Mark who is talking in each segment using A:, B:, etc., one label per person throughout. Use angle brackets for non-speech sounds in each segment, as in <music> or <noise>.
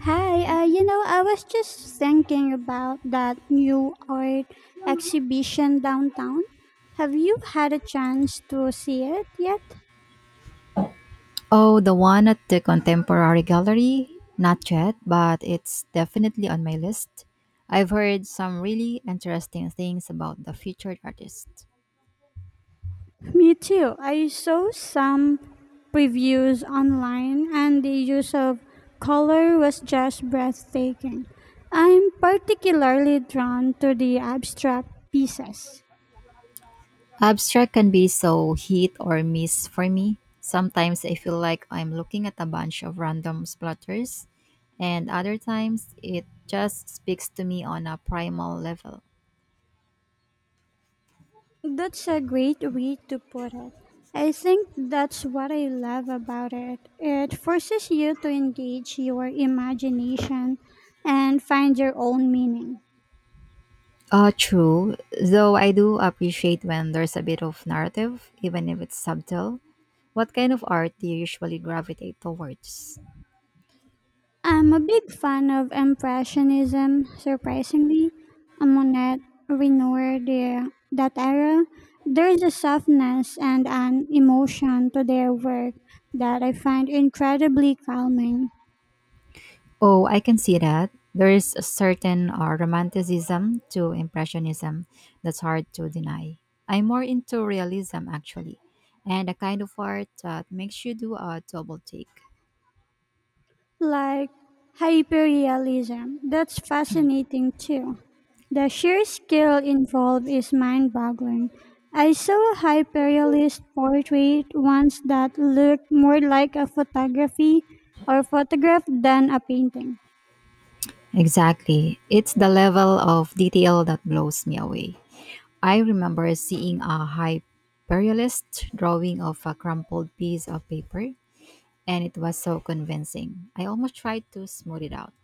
A: Hi, I was just thinking about that new art exhibition downtown. Have you had a chance to see it yet?
B: Oh, the one at the Contemporary Gallery? Not yet, but it's definitely on my list. I've heard some really interesting things about the featured artist.
A: Me too. I saw some previews online, and the use of color was just breathtaking. I'm particularly drawn to the abstract pieces.
B: Abstract can be so hit or miss for me. Sometimes I feel like I'm looking at a bunch of random splatters, and other times it just speaks to me on a primal level.
A: That's a great way to put it. I think that's what I love about it. It forces you to engage your imagination and find your own meaning.
B: True, though I do appreciate when there's a bit of narrative, even if it's subtle. What kind of art do you usually gravitate towards?
A: I'm a big fan of Impressionism, surprisingly. Monet, Renoir, that era. There's a softness and an emotion to their work that I find incredibly calming.
B: Oh, I can see that. There is a certain romanticism to impressionism that's hard to deny. I'm more into realism actually, and a kind of art that makes you do a double take.
A: Like hyperrealism. That's fascinating too. The sheer skill involved is mind boggling. I saw a hyperrealist portrait once that looked more like a photography or photograph than a painting.
B: Exactly. It's the level of detail that blows me away. I remember seeing a hyperrealist drawing of a crumpled piece of paper, and it was so convincing. I almost tried to smooth it out.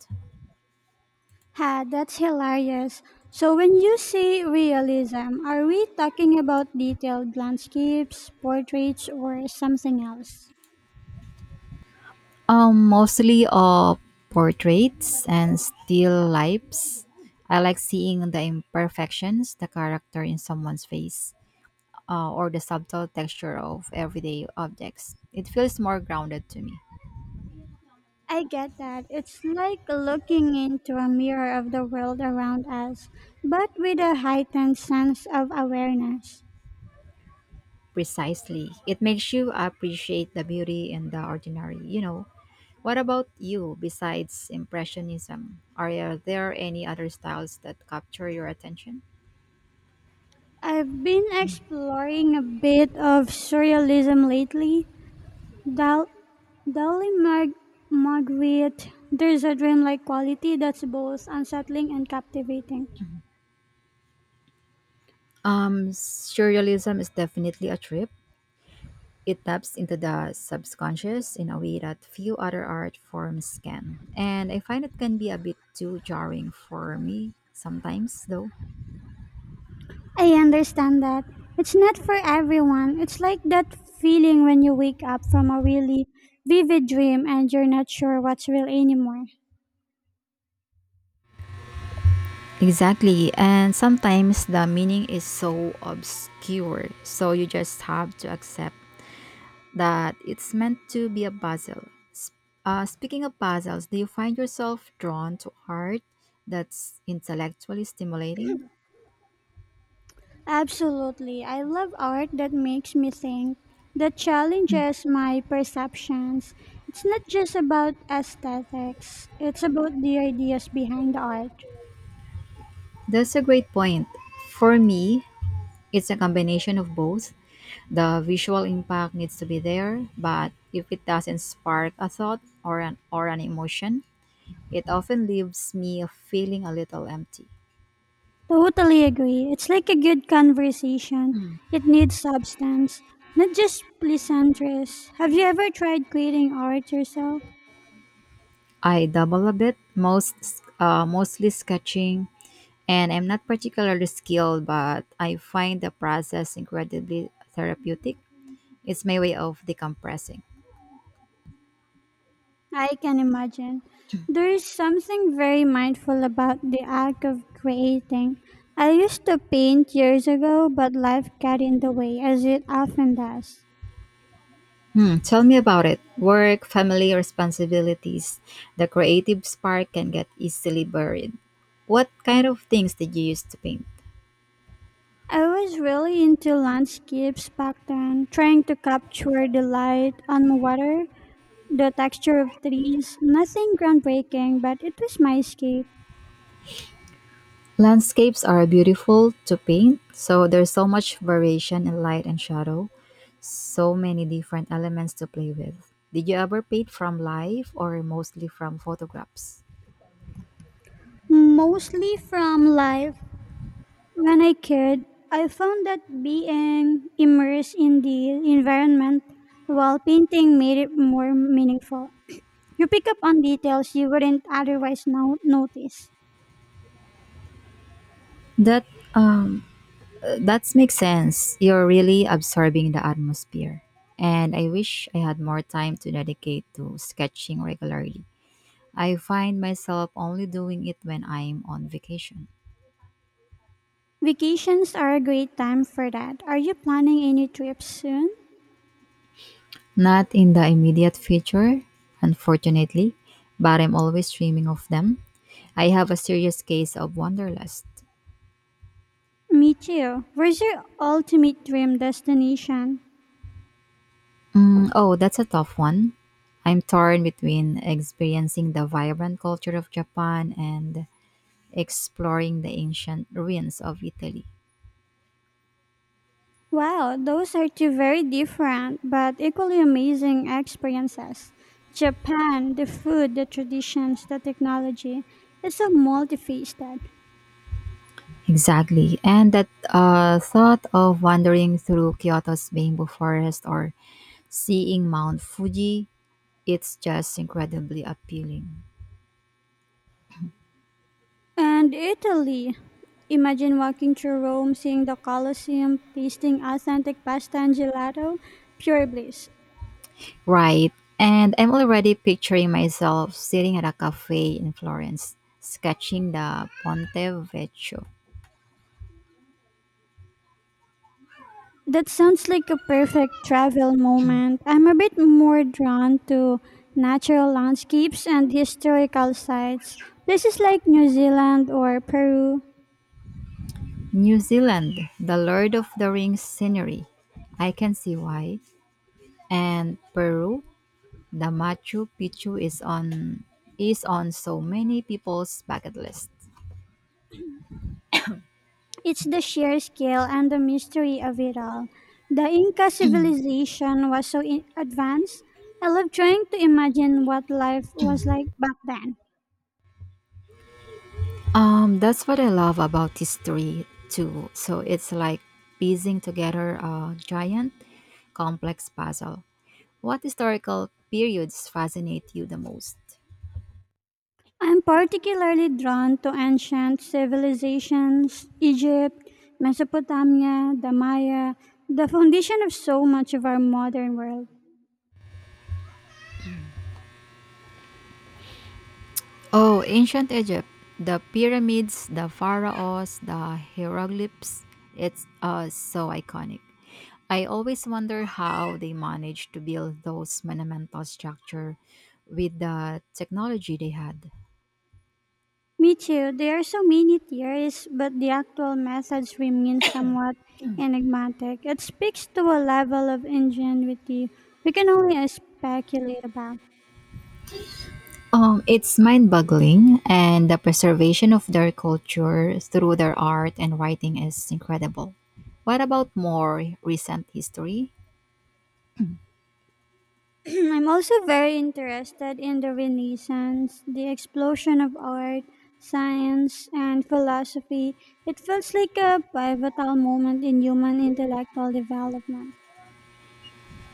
A: Ha, that's hilarious. So when you say realism, are we talking about detailed landscapes, portraits, or something else?
B: Mostly portraits and still lifes. I like seeing the imperfections, the character in someone's face, or the subtle texture of everyday objects. It feels more grounded to me.
A: I get that. It's like looking into a mirror of the world around us, but with a heightened sense of awareness.
B: Precisely. It makes you appreciate the beauty in the ordinary. What about you besides Impressionism? Are there any other styles that capture your attention?
A: I've been exploring a bit of surrealism lately. Dal- Dali, Magritte, there's a dreamlike quality that's both unsettling and captivating.
B: Surrealism is definitely a trip. It taps into the subconscious in a way that few other art forms can. And I find it can be a bit too jarring for me sometimes, though.
A: I understand that. It's not for everyone. It's like that feeling when you wake up from a really vivid dream and you're not sure what's real anymore.
B: Exactly. And sometimes the meaning is so obscure. So you just have to accept that it's meant to be a puzzle. Speaking of puzzles, do you find yourself drawn to art that's intellectually stimulating?
A: Absolutely. I love art that makes me think, that challenges my perceptions. It's not just about aesthetics, it's about the ideas behind the art.
B: That's a great point. For me, it's a combination of both. The visual impact needs to be there, but if it doesn't spark a thought or an emotion, it often leaves me feeling a little empty.
A: Totally agree. It's like a good conversation. It needs substance, not just pleasantries. Have you ever tried creating art yourself?
B: I double a bit, mostly sketching, and I'm not particularly skilled, but I find the process incredibly therapeutic. It's my way of decompressing.
A: I can imagine. There is something very mindful about the act of creating. I used to paint years ago, but life got in the way, as it often does.
B: Tell me about it. Work, family responsibilities, the creative spark can get easily buried. What kind of things did you use to paint?
A: I was really into landscapes back then, trying to capture the light on water, the texture of trees, nothing groundbreaking, but it was my escape,
B: Landscapes are beautiful to paint, so there's so much variation in light and shadow, so many different elements to play with. Did you ever paint from life or mostly from photographs?
A: mostly from life. When I could, I found that being immersed in the environment while painting made it more meaningful. You pick up on details you wouldn't otherwise notice.
B: That um That makes sense. You're really absorbing the atmosphere. And I wish I had more time to dedicate to sketching regularly. I find myself only doing it when I'm on vacation.
A: Vacations are a great time for that. Are you planning any trips soon?
B: Not in the immediate future, unfortunately, but I'm always dreaming of them. I have a serious case of wanderlust.
A: Me too. Where's your ultimate dream destination?
B: Oh, that's a tough one. I'm torn between experiencing the vibrant culture of Japan and exploring the ancient ruins of Italy.
A: Wow, those are two very different but equally amazing experiences. Japan, the food, the traditions, the technology, it's so multifaceted.
B: Exactly. And that thought of wandering through Kyoto's bamboo forest or seeing Mount Fuji, it's just incredibly appealing.
A: And Italy, imagine walking through Rome, seeing the Colosseum, tasting authentic pasta and gelato, pure bliss.
B: Right. And I'm already picturing myself sitting at a cafe in Florence, sketching the Ponte Vecchio.
A: That sounds like a perfect travel moment. I'm a bit more drawn to natural landscapes and historical sites, places like New Zealand or Peru.
B: New Zealand, the Lord of the Rings scenery. I can see why. And Peru, the Machu Picchu is on so many people's bucket list.
A: It's the sheer scale and the mystery of it all. The Inca civilization was so advanced. I love trying to imagine what life was like back then.
B: That's what I love about history too. So it's like piecing together a giant, complex puzzle. What historical periods fascinate you the most?
A: I'm particularly drawn to ancient civilizations, Egypt, Mesopotamia, the Maya, the foundation of so much of our modern world.
B: Oh, ancient Egypt. The pyramids, the pharaohs, the hieroglyphs. It's so iconic. I always wonder how they managed to build those monumental structure with the technology they had.
A: Me too. There are so many theories, but the actual methods remain somewhat enigmatic. It speaks to a level of ingenuity we can only speculate about.
B: It's mind-boggling, and the preservation of their culture through their art and writing is incredible. What about more recent history?
A: <clears throat> I'm also very interested in the Renaissance, the explosion of art, science, and philosophy. It feels like a pivotal moment in human intellectual development.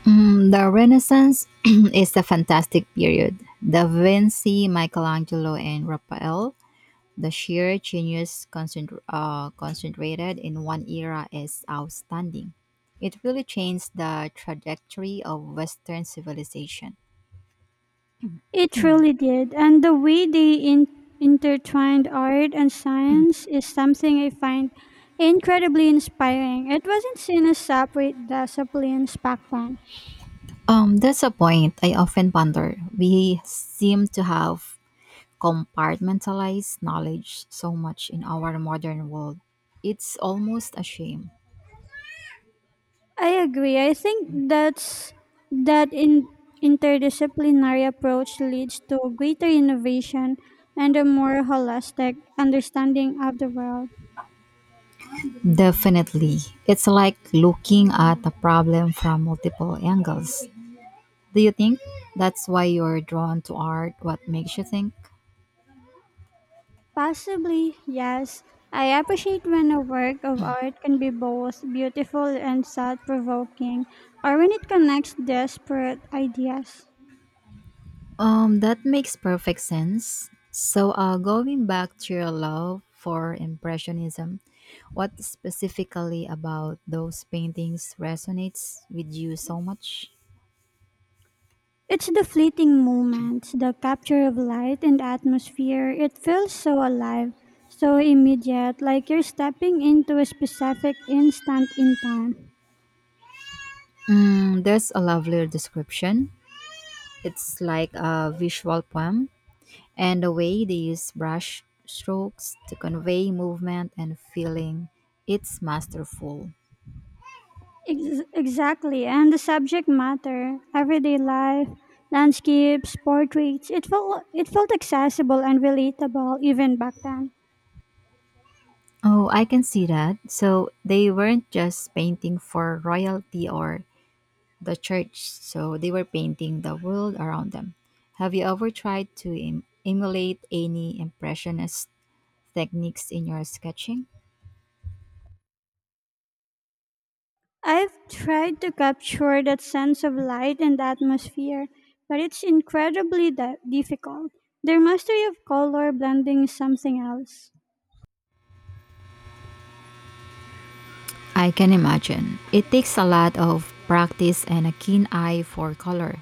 B: The Renaissance <clears throat> is a fantastic period. Da Vinci, Michelangelo, and Raphael. The sheer genius concentr concentrated in one era is outstanding. It really changed the trajectory of Western civilization.
A: It
B: <clears throat>
A: really did. And the way they intertwined art and science is something I find incredibly inspiring. It wasn't seen as separate disciplines back then.
B: That's a point I often ponder. We seem to have compartmentalized knowledge so much in our modern world. It's almost a shame.
A: I agree. I think that's that in interdisciplinary approach leads to greater innovation and a more holistic understanding of the world.
B: Definitely. It's like looking at a problem from multiple angles. Do you think that's why you're drawn to art? What makes you think?
A: Possibly, yes. I appreciate when a work of art can be both beautiful and thought provoking, or when it connects disparate ideas.
B: That makes perfect sense. So, going back to your love for Impressionism, what specifically about those paintings resonates with you so much?
A: It's the fleeting moments, the capture of light and atmosphere. It feels so alive, so immediate, like you're stepping into a specific instant in time.
B: There's a lovelier description. It's like a visual poem, and the way they use brush strokes to convey movement and feeling, it's masterful.
A: Exactly, and the subject matter, everyday life, landscapes, portraits, it felt accessible and relatable even back then.
B: Oh, I can see that. So they weren't just painting for royalty or the church, so they were painting the world around them. Have you ever tried to emulate any impressionist techniques in your sketching?
A: I've tried to capture that sense of light and atmosphere, but it's incredibly difficult. Their mastery of color blending is something else.
B: I can imagine. It takes a lot of practice and a keen eye for color.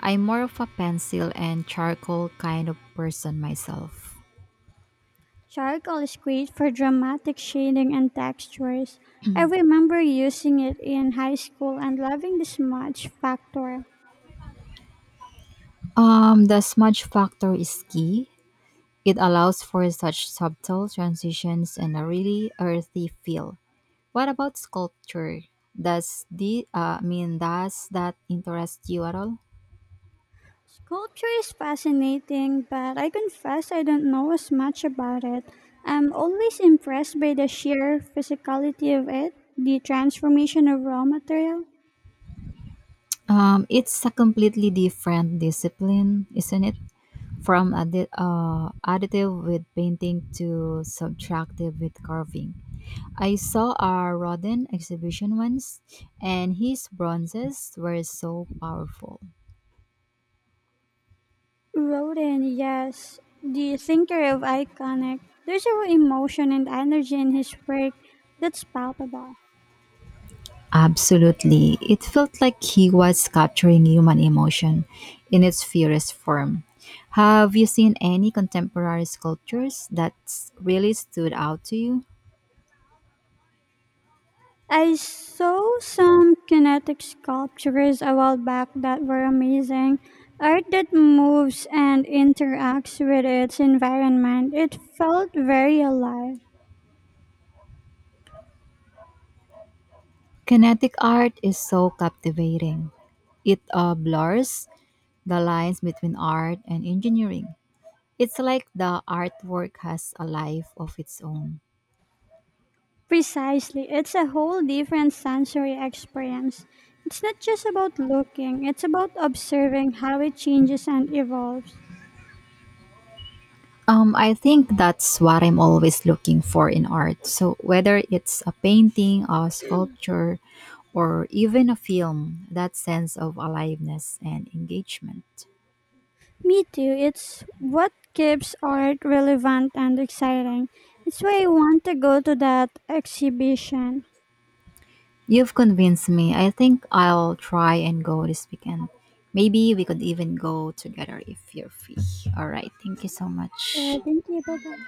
B: I'm more of a pencil and charcoal kind of person myself.
A: Charcoal is great for dramatic shading and textures. I remember using it in high school and loving the smudge factor.
B: The smudge factor is key. It allows for such subtle transitions and a really earthy feel. What about sculpture? Does the I mean does that interest you at all?
A: Sculpture is fascinating, but I confess I don't know as much about it. I'm always impressed by the sheer physicality of it, the transformation of raw material.
B: It's a completely different discipline, isn't it? From additive with painting to subtractive with carving. I saw a Rodin exhibition once, and his bronzes were so powerful.
A: Rodin, yes, the thinker of iconic. There's a real emotion and energy in his work that's palpable.
B: Absolutely. It felt like he was capturing human emotion in its purest form. Have you seen any contemporary sculptures that really stood out to you?
A: I saw some kinetic sculptures a while back that were amazing. Art that moves and interacts with its environment. It felt very alive.
B: Kinetic art is so captivating. It blurs the lines between art and engineering. It's like the artwork has a life of its own.
A: Precisely. It's a whole different sensory experience. It's not just about looking, it's about observing how it changes and evolves.
B: I think that's what I'm always looking for in art. So, whether it's a painting, a sculpture, or even a film, that sense of aliveness and engagement.
A: Me too. It's what keeps art relevant and exciting. It's why I want to go to that exhibition.
B: You've convinced me. I think I'll try and go this weekend. Maybe we could even go together if you're free. All right. Thank you so
A: Sure.
B: much.
A: Thank you. Bye bye.